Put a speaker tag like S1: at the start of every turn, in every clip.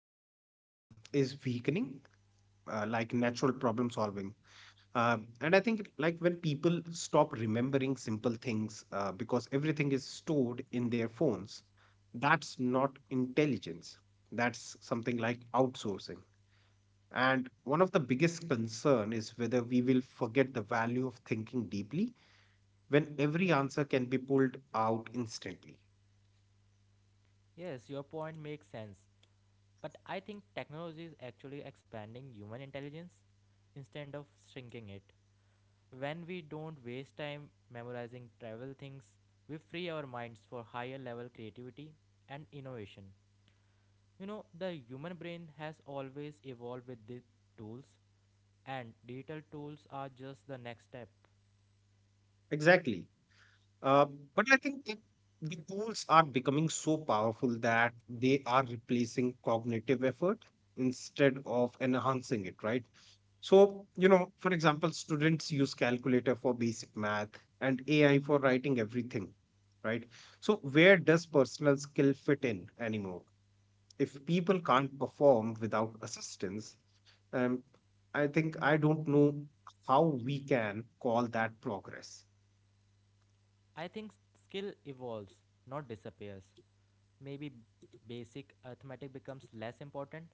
S1: dependence is weakening, like natural problem solving. And I think, like, when people stop remembering simple things because everything is stored in their phones, that's not intelligence. That's something like outsourcing. And one of the biggest concern is whether we will forget the value of thinking deeply when every answer can be pulled out instantly.
S2: Yes, your point makes sense. But I think technology is actually expanding human intelligence instead of shrinking it. When we don't waste time memorizing trivial things, we free our minds for higher level creativity and innovation. You know, the human brain has always evolved with these tools, and digital tools are just the next step.
S1: Exactly. Uh, but I think that the tools are becoming so powerful that they are replacing cognitive effort instead of enhancing it, right? So, you know, for example, students use calculator for basic math and AI for writing everything, right? So, where does personal skill fit in anymore? If people can't perform without assistance, um, I don't know how we can call that progress.
S2: I think skill evolves, not disappears. Maybe basic arithmetic becomes less important,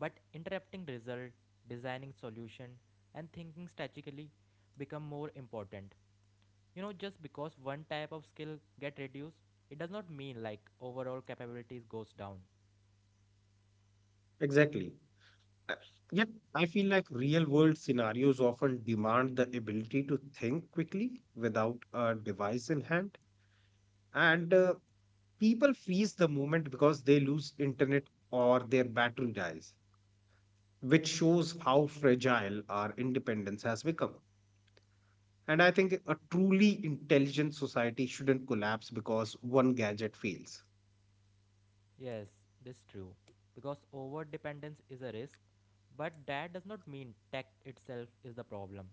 S2: but interpreting result, designing solution, and thinking strategically become more important. You know, just because one type of skill get reduced, it does not mean like overall capabilities goes down.
S1: Exactly. Uh, Yet, I feel like real world scenarios often demand the ability to think quickly without a device in hand. And people freeze the moment because they lose internet or their battery dies, which shows how fragile our independence has become. And I think a truly intelligent society shouldn't collapse because one gadget fails.
S2: Yes, this is true, because over dependence is a risk, but that does not mean tech itself is the problem.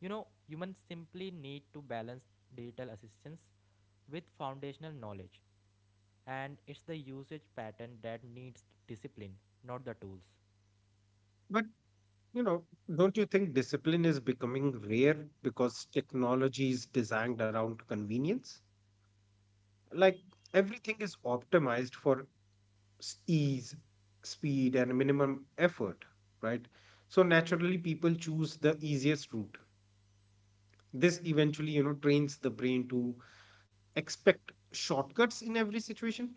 S2: You know, humans simply need to balance digital assistance with foundational knowledge. And it's the usage pattern that needs discipline, not the tools.
S1: But, you know, don't you think discipline is becoming rare because technology is designed around convenience? Like everything is optimized for ease, speed, and minimum effort, right? So naturally, people choose the easiest route. This eventually, you know, trains the brain to expect shortcuts in every situation.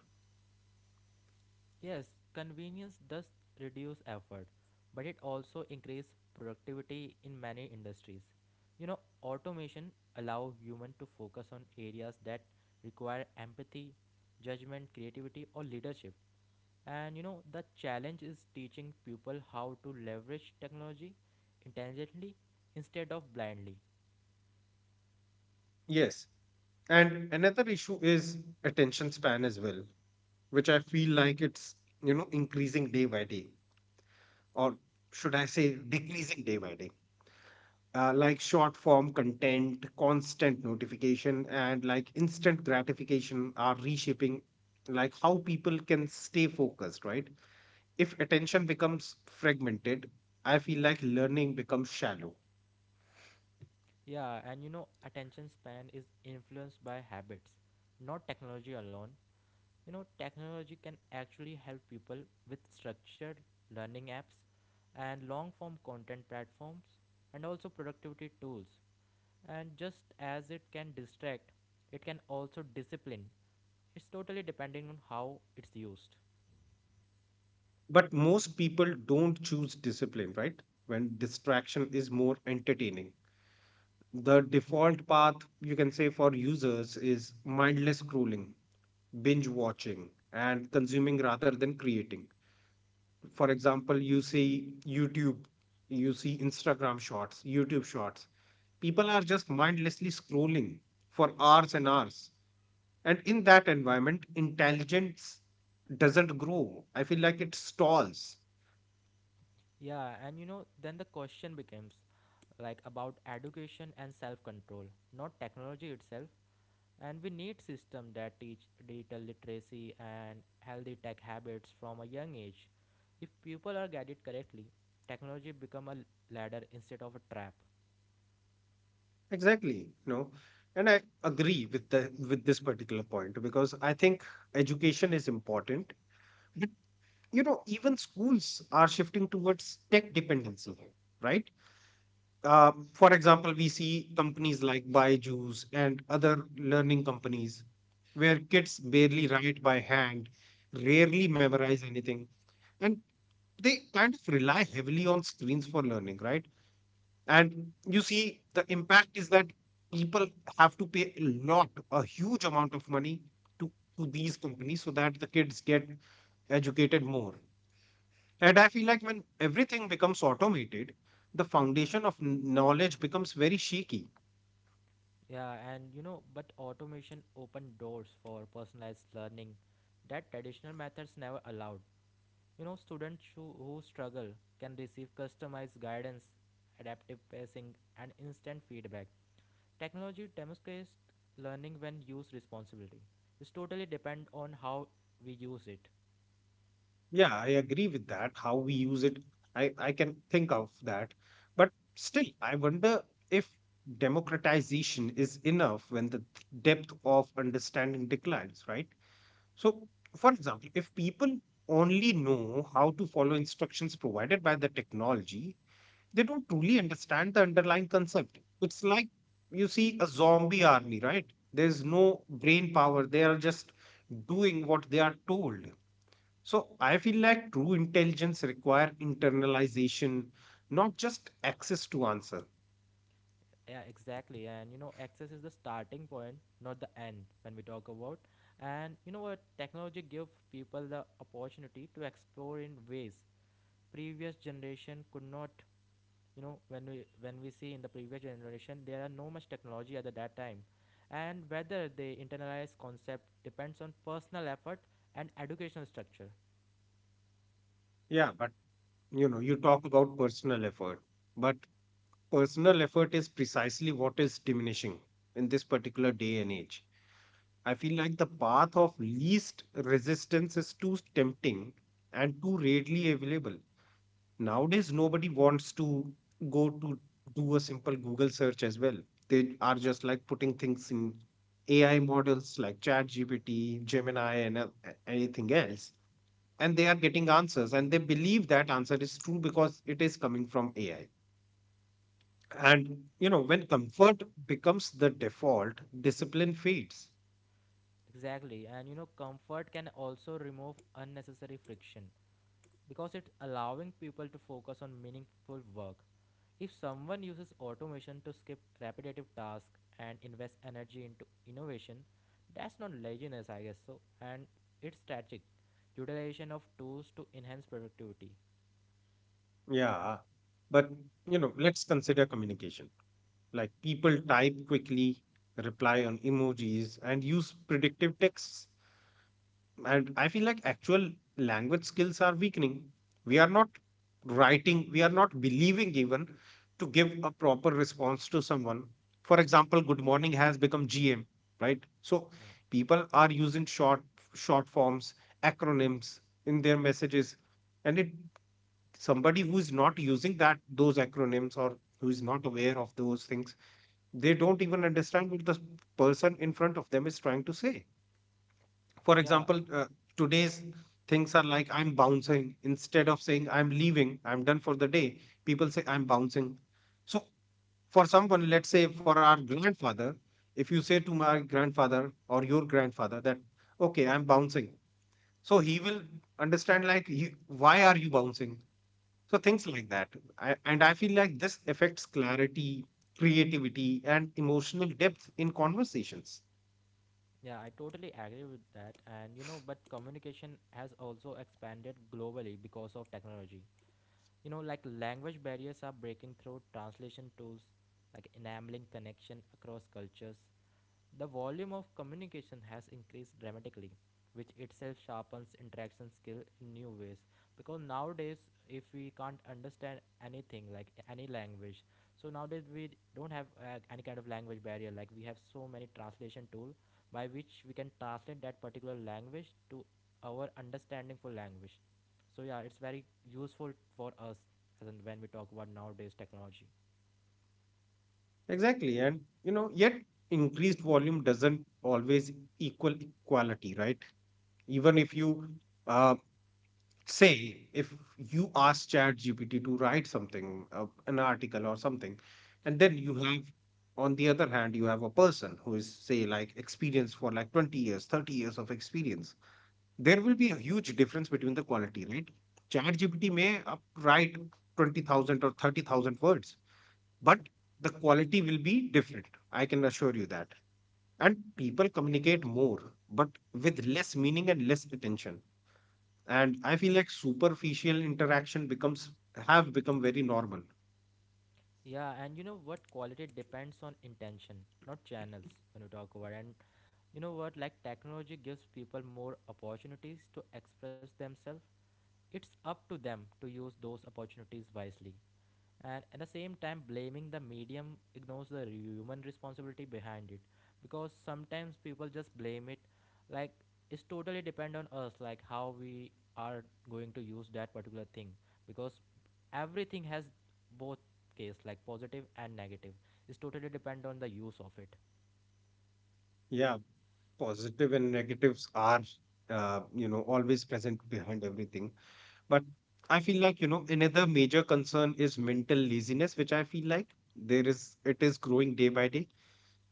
S2: Yes, convenience does reduce effort, but it also increases productivity in many industries. You know, automation allows humans to focus on areas that require empathy, judgment, creativity or leadership. And you know, the challenge is teaching people how to leverage technology intelligently instead of blindly.
S1: Yes. And another issue is attention span as well, which I feel like it's, you know, increasing day by day, or should I say decreasing day by day. Like short form content, constant notification, and like instant gratification are reshaping like how people can stay focused, right? If attention becomes fragmented, I feel like learning becomes shallow.
S2: Yeah, and you know, attention span is influenced by habits, not technology alone. You know, technology can actually help people with structured learning apps and long form content platforms and also productivity tools. And just as it can distract, it can also discipline. It's totally depending on how it's used.
S1: But most people don't choose discipline, right? When distraction is more entertaining. The default path, you can say, for users is mindless scrolling, binge watching, and consuming rather than creating. For example, you see YouTube, you see Instagram shorts, YouTube shorts. People are just mindlessly scrolling for hours and hours. And in that environment, intelligence doesn't grow. I feel like it stalls.
S2: Yeah, and you know, then the question becomes like about education and self control, not technology itself, and we need system that teach digital literacy and healthy tech habits from a young age. If people are guided correctly, technology become a ladder instead of a trap.
S1: Exactly, you know, and I agree with the with this particular point because I think education is important, but you know, even schools are shifting towards tech dependency, right? For example, we see companies like Byju's and other learning companies where kids barely write by hand, rarely memorize anything, and they kind of rely heavily on screens for learning, right? And you see, the impact is that people have to pay a lot, a huge amount of money to, to these companies so that the kids get educated more. And I feel like when everything becomes automated, the foundation of knowledge becomes very shaky.
S2: Yeah, and you know, but automation open doors for personalized learning that traditional methods never allowed. You know, students who struggle can receive customized guidance, adaptive pacing and instant feedback. Technology demonstrates learning when used responsibly. It's totally depend on how we use it.
S1: Yeah, I agree with that. How we use it, I can think of that. But still, I wonder if democratization is enough when the depth of understanding declines, right? So, for example, if people only know how to follow instructions provided by the technology, they don't truly understand the underlying concept. It's like you see a zombie army, right? There's no brain power, they are just doing what they are told. So, I feel like true intelligence require internalization, not just access to answer.
S2: Yeah, exactly. And you know, access is the starting point, not the end when we talk about. And you know what? Technology give people the opportunity to explore in ways previous generation could not. You know, when we see in the previous generation, there are no much technology at that time, and whether they internalize concept depends on personal effort and educational structure.
S1: Yeah, but you know, you talk about personal effort, but personal effort is precisely what is diminishing in this particular day and age. I feel like the path of least resistance is too tempting and too readily available. Nowadays, nobody wants to go to do a simple Google search as well. They are just like putting things in AI models like ChatGPT, Gemini, and anything else. And they are getting answers and they believe that answer is true because it is coming from AI. And you know, when comfort becomes the default, discipline fades.
S2: Exactly, and you know, comfort can also remove unnecessary friction because it's allowing people to focus on meaningful work. If someone uses automation to skip repetitive tasks and invest energy into innovation, that's not laziness, I guess so, and it's strategic utilization of tools to enhance productivity.
S1: Yeah. But you know, let's consider communication. Like people type quickly, reply on emojis, and use predictive texts. And I feel like actual language skills are weakening. We are not writing, we are not believing even to give a proper response to someone. For example, good morning has become gm, right? So
S2: Yeah.
S1: people are using short forms, acronyms in their messages, and it, somebody who is not using that those acronyms or who is not aware of those things, they don't even understand what the person in front of them is trying to say. For
S2: Yeah,
S1: example, today's things are like I'm bouncing instead of saying I'm leaving, I'm done for the day. People say I'm bouncing. So, for someone, let's say for our grandfather, if you say to my grandfather or your grandfather that, okay, I'm bouncing, so he will understand like, "You- why are you bouncing? So, things like that. And I feel like this affects clarity, creativity, and emotional depth in conversations.
S2: yeah, I totally agree with that. And you know, but communication has also expanded globally because of technology. You know, like language barriers are breaking through translation tools, like enabling connection across cultures. The volume of communication has increased dramatically, which itself sharpens interaction skill in new ways. Because nowadays, if we can't understand anything like any language, so nowadays we don't have any kind of language barrier. Like we have so many translation tool by which we can translate that particular language to our understanding for language. So yeah, it's very useful for us as in when we talk about nowadays technology.
S1: Exactly. And, you know, yet increased volume doesn't always equal equality, right? Even if you uh, say, if you ask ChatGPT to write something, an article or something, and then you have, on the other hand, you have a person who is, say, like experienced for like 20 years, 30 years of experience, there will be a huge difference between the quality, right? ChatGPT may write 20,000 or 30,000 words, but the quality will be different. I can assure you that. And people communicate more, but with less meaning and less attention. And I feel like superficial interaction becomes have become very normal.
S2: Yeah, and you know what? Quality depends on intention, not channels, when we talk about. And you know what? Like technology gives people more opportunities to express themselves. It's up to them to use those opportunities wisely, and at the same time blaming the medium ignores the human responsibility behind it, because sometimes people just blame it. Like it's totally depend on us like how we are going to use that particular thing, because everything has both case like positive and negative. It's totally depend on the use of it.
S1: Yeah, positive and negatives are you know, always present behind everything. But I feel like, you know, another major concern is mental laziness, which I feel like there is it is growing day by day.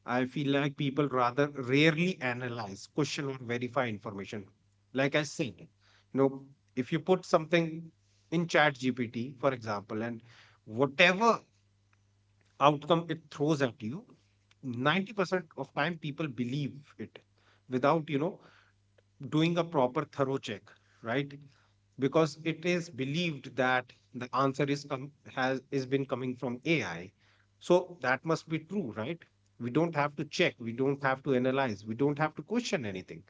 S1: I feel like people rather rarely analyze, question, or verify information. Like I said, you know, if you put something in Chat GPT, for example, and whatever outcome it throws at you, 90% of time people believe it without, you know, doing a proper thorough check, right? Because it is believed that the answer is come has is been coming from AI. So that must be true, right? We don't have to check, we don't have to analyze, we don't have to question anything.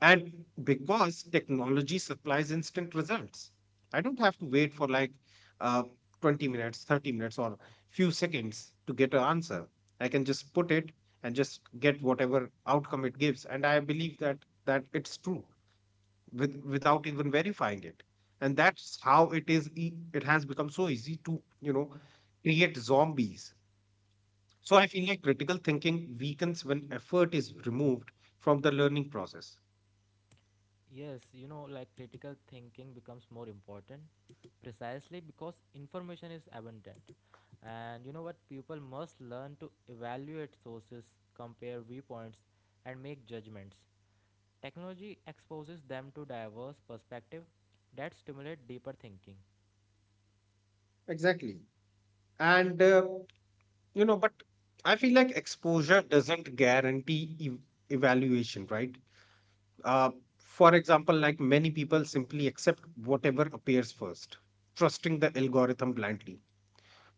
S1: And because technology supplies instant results, I don't have to wait for like uh, 20 minutes, 30 minutes, or few seconds to get an answer. I can just put it and just get whatever outcome it gives. And I believe that it's true without even verifying it, and that's how it it has become so easy to, you know, create zombies. So I feel like critical thinking weakens when effort is removed from the learning process.
S2: Yes, you know, like critical thinking becomes more important precisely because information is abundant. And you know what? People must learn to evaluate sources, compare viewpoints, and make judgments. Technology exposes them to diverse perspectives that stimulate deeper thinking.
S1: Exactly. And you know, but I feel like exposure doesn't guarantee evaluation, right? uh, for example, like many people simply accept whatever appears first, trusting the algorithm blindly,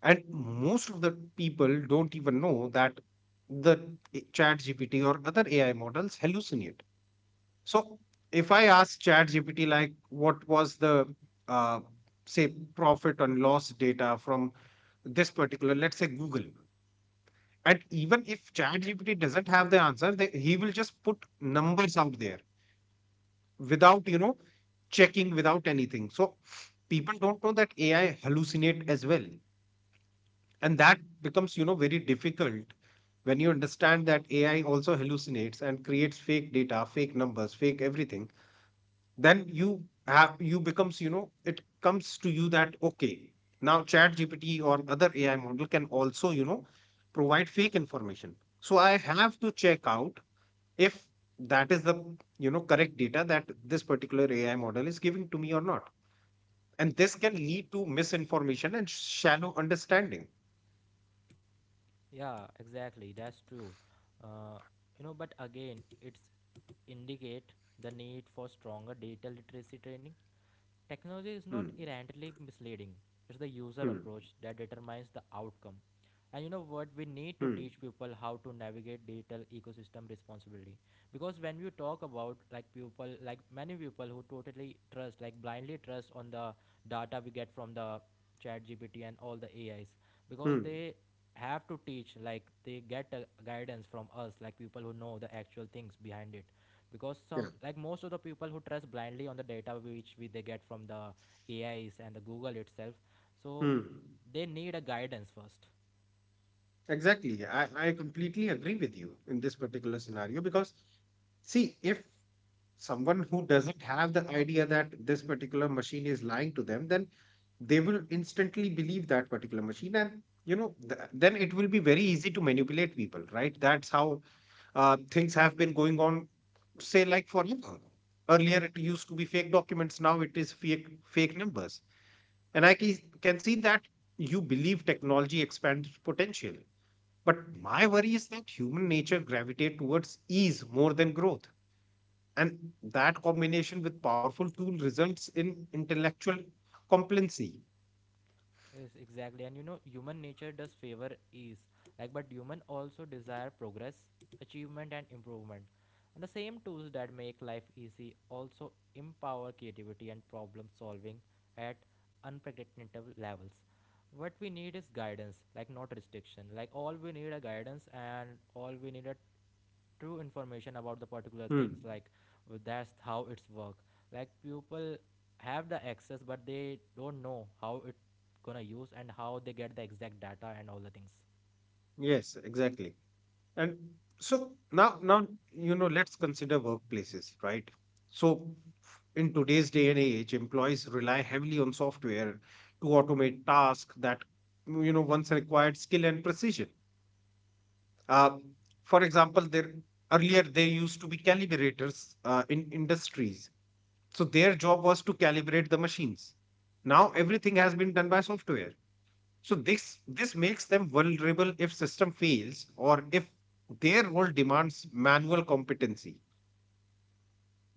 S1: and most of the people don't even know that the ChatGPT or other AI models hallucinate. So if I ask ChatGPT like what was the uh, say profit and loss data from this particular, let's say Google, and even if ChatGPT doesn't have the answer, he will just put numbers out there without, you know, checking, without anything. So people don't know that AI hallucinate as well, and that becomes, you know, very difficult. When you understand that AI also hallucinates and creates fake data, fake numbers, fake everything, then you becomes, you know, it comes to you that okay, now ChatGPT or other AI model can also, you know, provide fake information. So I have to check out if that is the, you know, correct data that this particular AI model is giving to me or not, and this can lead to misinformation and shallow understanding.
S2: Yeah, exactly. That's true. Uh, you know, but again, it's indicate the need for stronger data literacy training. Technology is not
S1: Hmm.
S2: inherently misleading. It's the user
S1: Hmm.
S2: approach that determines the outcome. And you know what? We need to
S1: Hmm.
S2: teach people how to navigate digital ecosystem responsibly. Because when you talk about like people, like many people who totally trust, like blindly trust on the data we get from the chat GPT and all the AIs, because
S1: Hmm.
S2: they have to teach, like they get a guidance from us, like people who know the actual things behind it, because
S1: Yeah.
S2: some like most of the people who trust blindly on the data which we, they get from the AIs and the Google itself, so
S1: Hmm.
S2: they need a guidance first.
S1: Exactly. I completely agree with you in this particular scenario because, see, if someone who doesn't have the idea that this particular machine is lying to them, then they will instantly believe that particular machine. And, you know, then it will be very easy to manipulate people, right? That's how things have been going on, say, like forever. Earlier, it used to be fake documents. Now it is fake numbers. And I can see that you believe technology expands potential. But my worry is that human nature gravitates towards ease more than growth. And that combination with powerful tool results in intellectual complacency.
S2: Yes, exactly, and you know human nature does favor ease, like but human also desire progress, achievement and improvement, and the same tools that make life easy also empower creativity and problem solving at unpredictable levels. What we need is guidance, like not restriction, like all we need a guidance and all we need a true information about the particular
S1: Hmm.
S2: things, like that's how it's work. Like people have the access but they don't know how it gonna use and how they get the exact data and all the things.
S1: Yes, exactly. And now, you know, let's consider workplaces, right? So in today's day and age, employees rely heavily on software to automate tasks that, you know, once required skill and precision. Um, for example, there earlier there used to be calibrators in industries. So their job was to calibrate the machines. Now everything has been done by software. So this makes them vulnerable if system fails or if their role demands manual competency.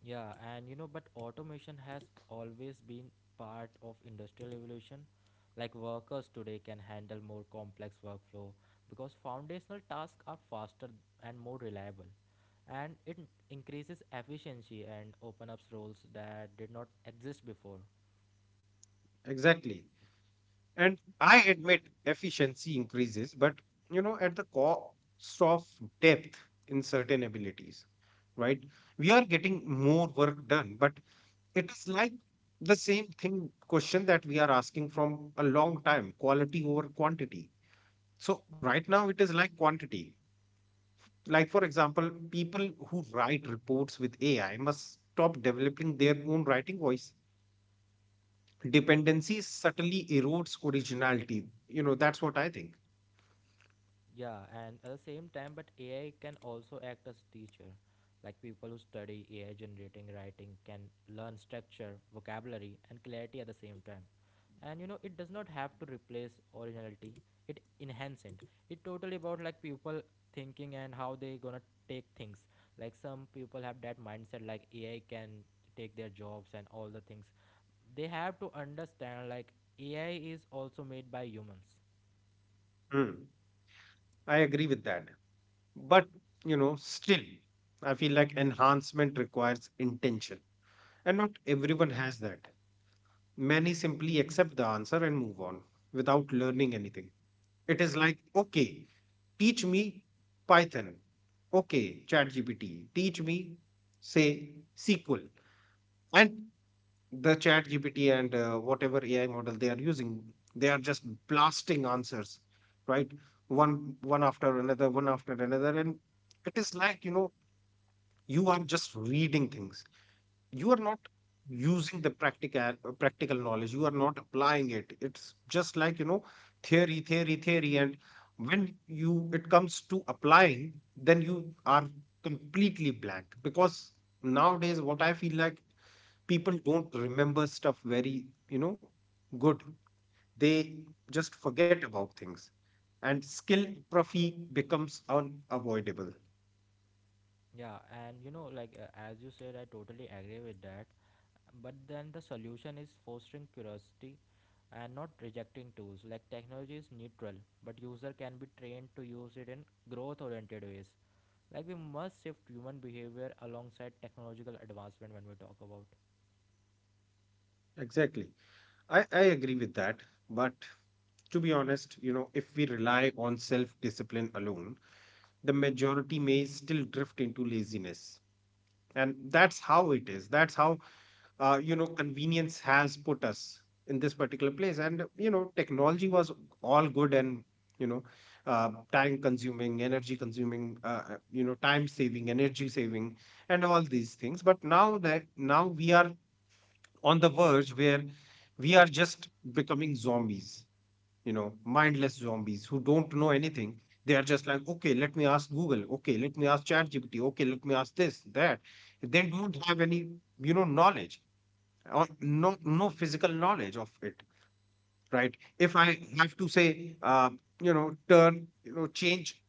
S2: Yeah, and you know, but automation has always been part of industrial evolution. Like workers today can handle more complex workflow because foundational tasks are faster and more reliable, and it increases efficiency and open up roles that did not exist before.
S1: Exactly. And I admit efficiency increases, but at the cost of depth in certain abilities, right? We are getting more work done, but it is like the same thing question that we are asking from a long time, quality over quantity. So, right now, it is like quantity. Like, for example, people who write reports with AI must stop developing their own writing voice. Dependency subtly erodes originality. You know, that's what I think.
S2: Yeah, and at the same time, but AI can also act as teacher. Like people who study AI generating writing can learn structure, vocabulary, and clarity at the same time. And you know, it does not have to replace originality; it enhance it. It totally about like people thinking and how they gonna take things. Like some people have that mindset, like AI can take their jobs and all the things. They have to understand like AI is also made by humans.
S1: Hmm. I agree with that. But, still, I feel like enhancement requires intention, and not everyone has that. Many simply accept the answer and move on without learning anything. It is like, okay, teach me Python. Okay, ChatGPT, teach me, say, SQL. And the ChatGPT and whatever AI model they are using, they are just blasting answers, right? One after another, one after another. And it is like, you are just reading things, you are not using the practical knowledge, you are not applying it. It's just like, theory, theory, theory. And when you it comes to applying, then you are completely blank. Because nowadays, what I feel like, people don't remember stuff very good. They just forget about things, and skill atrophy becomes unavoidable.
S2: Yeah, and you know, like as you said, I totally agree with that. But then the solution is fostering curiosity and not rejecting tools. Like technology is neutral, but user can be trained to use it in growth-oriented ways. Like we must shift human behavior alongside technological advancement when we talk about.
S1: Exactly. I agree with that. But, to be honest, if we rely on self discipline alone, the majority may still drift into laziness. And that's how it is. That's how, convenience has put us in this particular place. And, technology was all good, and, you know, time consuming, energy consuming, time saving, energy saving, and all these things. But now that now we are on the verge where we are just becoming zombies, mindless zombies who don't know anything. They are just like, okay, let me ask Google. Okay, let me ask ChatGPT. Okay, let me ask this, that. They don't have any, knowledge, or no, no physical knowledge of it, right? If I have to say, change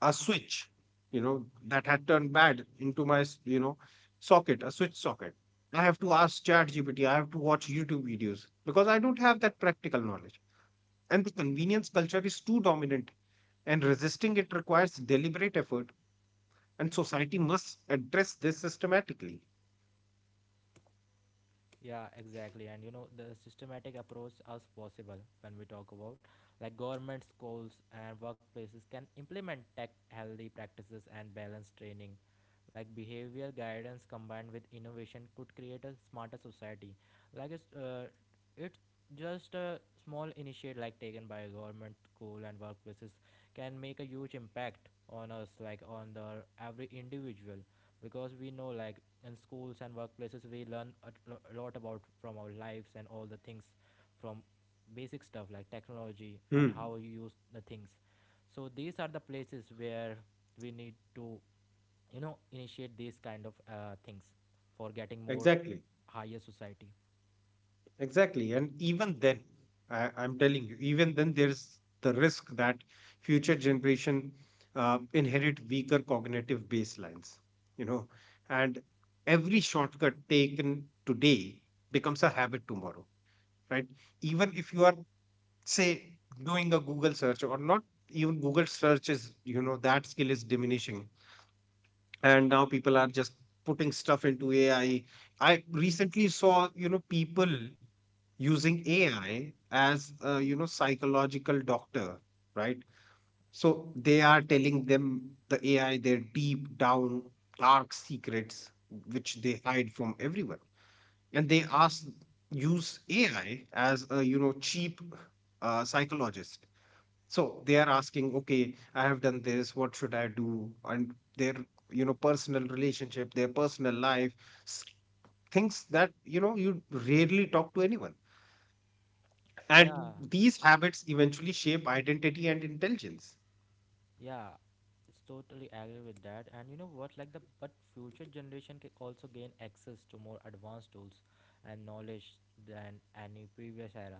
S1: a switch, that had turned bad into my, socket, a switch socket. I have to ask ChatGPT, I have to watch YouTube videos because I don't have that practical knowledge. And the convenience culture is too dominant, and resisting it requires deliberate effort, and society must address this systematically.
S2: Yeah, exactly. And you know, the systematic approach is possible when we talk about, like government schools and workplaces can implement tech healthy practices and balance training. Like behavior guidance combined with innovation could create a smarter society. Like it's just a small initiative like taken by government school and workplaces, can make a huge impact on us like on the every individual, because we know like in schools and workplaces we learn a lot about from our lives and all the things, from basic stuff like technology and
S1: Hmm,
S2: how you use the things. So these are the places where we need to, you know, initiate these kind of things for getting more
S1: exactly.
S2: higher society.
S1: Exactly. And even then, I'm telling you, even then, there's the risk that future generation inherit weaker cognitive baselines, you know, and every shortcut taken today becomes a habit tomorrow, right? Even if you are, say, doing a Google search, or not even Google search is, that skill is diminishing, and now people are just putting stuff into AI. I recently saw, people using AI as a, psychological doctor, right? So they are telling them, the AI, their deep down dark secrets, which they hide from everyone. And they ask, use AI as a, cheap, psychologist. So they are asking, okay, I have done this, what should I do? And their, personal relationship, their personal life, s- things that, you rarely talk to anyone. And
S2: Yeah.
S1: these habits eventually shape identity and intelligence.
S2: Yeah, it's totally agree with that. And you know what? Like the but future generation can also gain access to more advanced tools and knowledge than any previous era.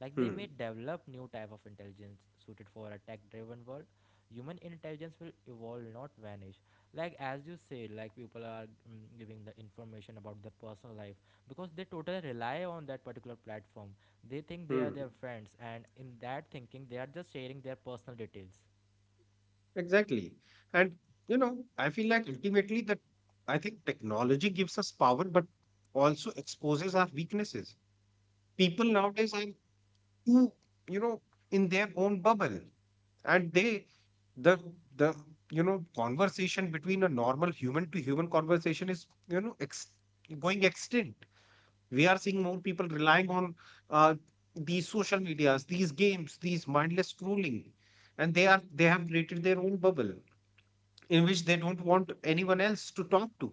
S2: Like they
S1: Hmm.
S2: may develop new type of intelligence suited for a tech-driven world. Human intelligence will evolve, not vanish. Like as you say, like people are giving the information about their personal life because they totally rely on that particular platform. They think they are
S1: Hmm.
S2: their friends, and in that thinking, they are just sharing their personal details.
S1: Exactly. And, I feel like ultimately that I think technology gives us power, but also exposes our weaknesses. People nowadays are too, you know in their own bubble, and the the conversation between a normal human to human conversation is, going extinct. We are seeing more people relying on, uh, these social medias, these games, these mindless scrolling, and they have created their own bubble in which they don't want anyone else to talk to,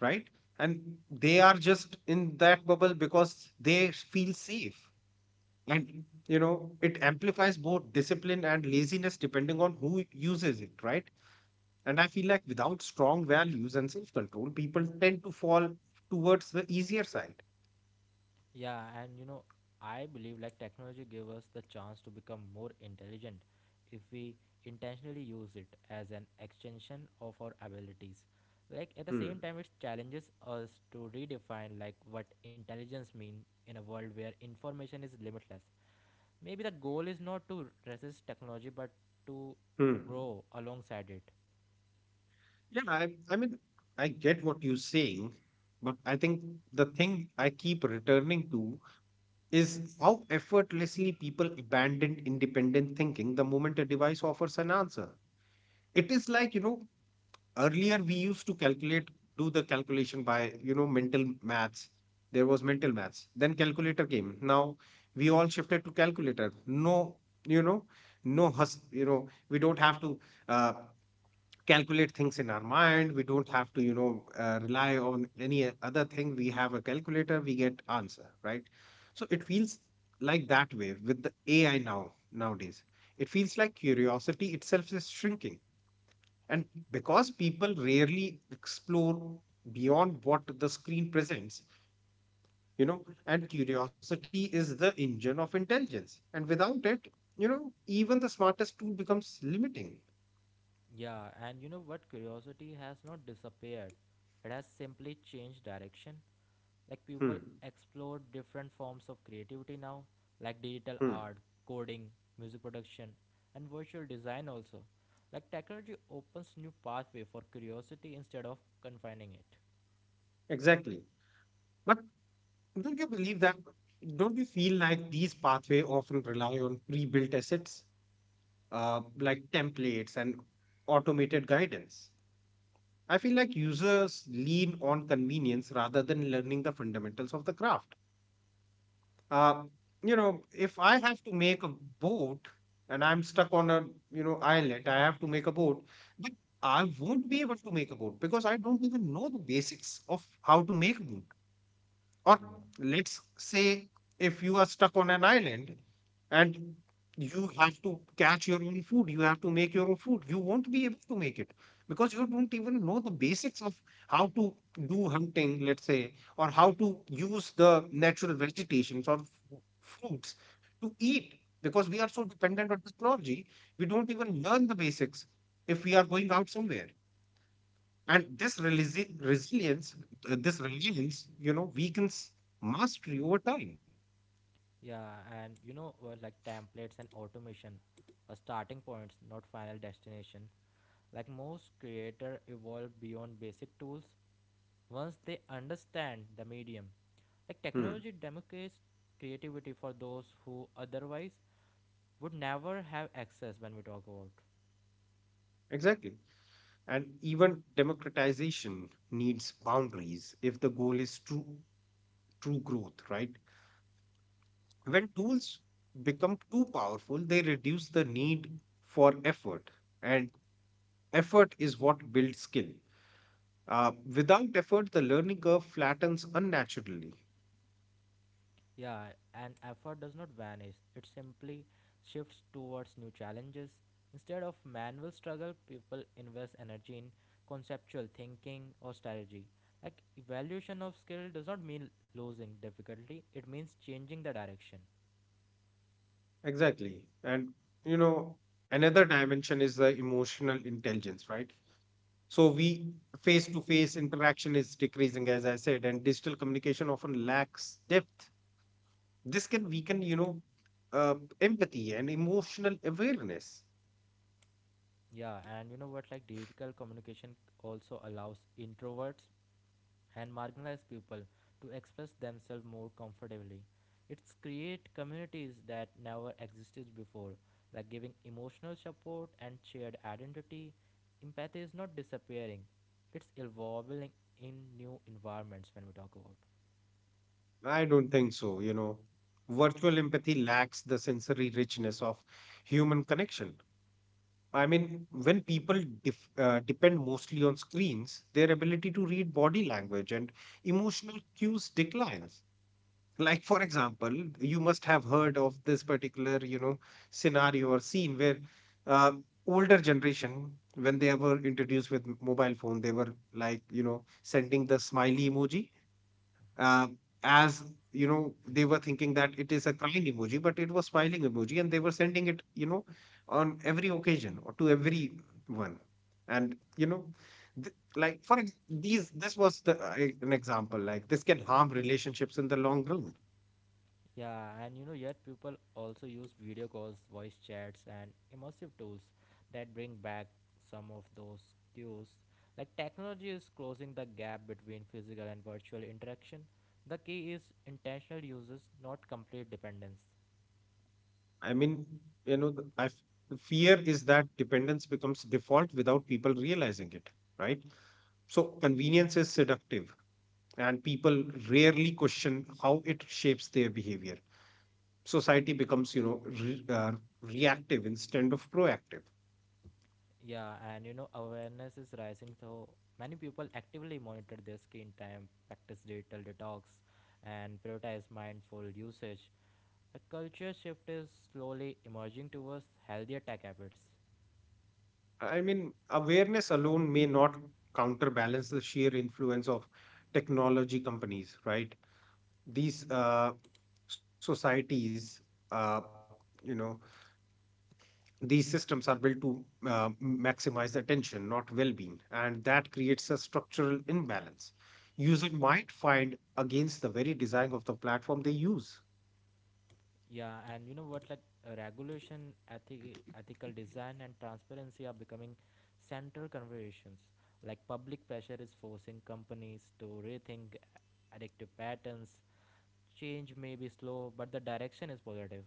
S1: right? And they are just in that bubble because they feel safe. And, it amplifies both discipline and laziness depending on who uses it, right? And I feel like without strong values and self-control, people tend to fall towards the easier side.
S2: Yeah, and you know, I believe like technology gives us the chance to become more intelligent if we intentionally use it as an extension of our abilities. Like at the
S1: Hmm.
S2: same time, it challenges us to redefine like what intelligence means in a world where information is limitless. Maybe the goal is not to resist technology, but to
S1: Hmm.
S2: grow alongside it.
S1: Yeah, I mean, I get what you're saying, but I think the thing I keep returning to is how effortlessly people abandon independent thinking the moment a device offers an answer. It is like, earlier we used to calculate do the calculation by, mental maths. There was mental maths, then calculator came. Now we all shifted to calculator. No, you know no, hus you know we don't have to, uh, calculate things in our mind. We don't have to, rely on any other thing. We have a calculator, we get answer, right? So it feels like that way with the AI nowadays. It feels like curiosity itself is shrinking, and because people rarely explore beyond what the screen presents, and curiosity is the engine of intelligence. And without it, even the smartest tool becomes limiting.
S2: Yeah, and you know what? Curiosity has not disappeared; it has simply changed direction. Like people
S1: Hmm.
S2: explore different forms of creativity now, like digital
S1: Hmm.
S2: art, coding, music production, and virtual design also. Like technology opens new pathway for curiosity instead of confining it.
S1: Exactly. But don't you believe that? Don't you feel like these pathways often rely on pre-built assets, like templates and automated guidance? I feel like users lean on convenience rather than learning the fundamentals of the craft. Uh, if I have to make a boat, and I'm stuck on a, islet, I have to make a boat, but I won't be able to make a boat because I don't even know the basics of how to make a boat. Or
S2: Yeah.
S1: let's say, if you are stuck on an island, and you have to catch your own food, you have to make your own food, you won't be able to make it because you don't even know the basics of how to do hunting, let's say, or how to use the natural vegetations or fruits to eat, because we are so dependent on technology, we don't even learn the basics if we are going out somewhere. And this resilience, weakens mastery over time.
S2: Yeah, and you know, like templates and automation are starting points, not final destination. Like most creator evolve beyond basic tools once they understand the medium. Like
S1: Hmm.
S2: technology democratizes creativity for those who otherwise would never have access when we talk about.
S1: Exactly. And even democratization needs boundaries if the goal is true growth, right? When tools become too powerful, they reduce the need for effort. And effort is what builds skill. Without effort, the learning curve flattens unnaturally.
S2: Yeah, and effort does not vanish, it simply shifts towards new challenges. Instead of manual struggle, people invest energy in conceptual thinking or strategy. Like, evaluation of skill does not mean losing difficulty, it means changing the direction.
S1: Exactly. And, you know, another dimension is the emotional intelligence, right? So we face to face interaction is decreasing, as I said, and digital communication often lacks depth. This can weaken, uh, empathy and emotional awareness.
S2: Yeah, and you know what? Like, digital communication also allows introverts and marginalized people to express themselves more comfortably. It's create communities that never existed before, like giving emotional support and shared identity. Empathy is not disappearing; it's evolving in new environments. When we talk about.
S1: I don't think so. Virtual empathy lacks the sensory richness of human connection. I mean, when people depend mostly on screens, their ability to read body language and emotional cues declines. Like, for example, you must have heard of this particular, scenario or scene where older generation, when they were introduced with mobile phone, they were like, sending the smiley emoji, uh, as, they were thinking that it is a crying emoji, but it was smiling emoji, and they were sending it, on every occasion or to everyone. And, like for ex- these this was the, an example. Like this can harm relationships in the long run.
S2: Yeah, and you know, yet people also use video calls, voice chats, and immersive tools that bring back some of those cues. Like, technology is closing the gap between physical and virtual interaction. The key is intentional uses, not complete dependence.
S1: I mean, you know the- i f- the fear is that dependence becomes default without people realizing it, right? So convenience is seductive, and people rarely question how it shapes their behavior. Society becomes, reactive instead of proactive.
S2: Yeah, and you know, awareness is rising, so many people actively monitor their screen time, practice digital detox, and prioritize mindful usage. A culture shift is slowly emerging towards healthier tech habits.
S1: I mean, awareness alone may not counterbalance the sheer influence of technology companies, right? These, societies, uh, you know these systems are built to, uh, maximize attention, not well-being. And that creates a structural imbalance. Users might find against the very design of the platform they use.
S2: Yeah, and you know what? Like regulation, ethical design, and transparency are becoming central conversations. Like public pressure is forcing companies to rethink addictive patterns. Change may be slow, but the direction is positive.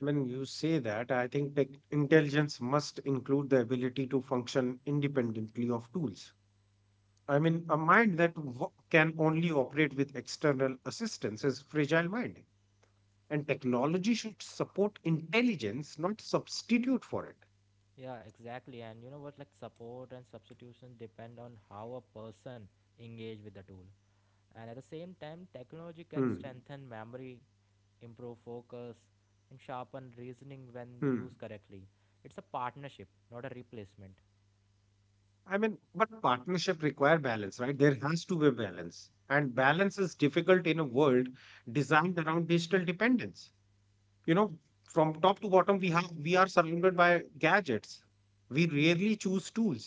S1: When you say that, I think tech intelligence must include the ability to function independently of tools. I mean, a mind that can only operate with external assistance is fragile mind, and technology should support intelligence, not substitute for it.
S2: Yeah, exactly. And you know what? Like support and substitution depend on how a person engage with the tool. And at the same time, technology can
S1: Hmm.
S2: strengthen memory, improve focus, and sharpen reasoning when used
S1: Hmm.
S2: correctly. It's a partnership, not a replacement.
S1: I mean, but partnership require balance, right? There has to be balance, and balance is difficult in a world designed around digital dependence. you know from top to bottom, we are surrounded by gadgets. We rarely choose tools.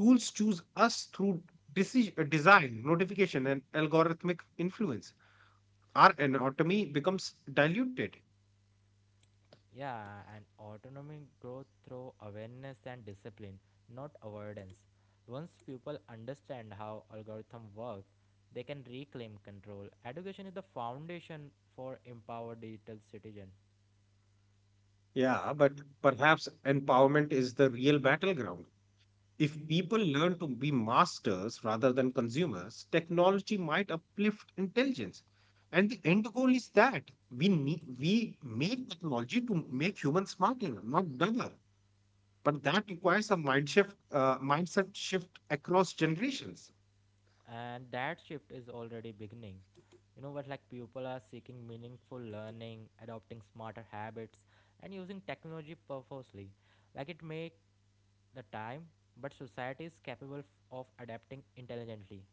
S1: Tools choose us through decision, design notification and algorithmic influence. Our anatomy becomes diluted.
S2: Yeah, and autonomy growth through awareness and discipline, not avoidance. Once people understand how algorithm work, they can reclaim control. Education is the foundation for empowered digital citizen.
S1: Yeah, but perhaps empowerment is the real battleground. If people learn to be masters rather than consumers, technology might uplift intelligence. And the end goal is that we make technology to make humans smarter, not dumber. But that requires a mindset shift across generations.
S2: And that shift is already beginning. You know what, like people are seeking meaningful learning, adopting smarter habits, and using technology purposely. Like it make the time, but society is capable of adapting intelligently.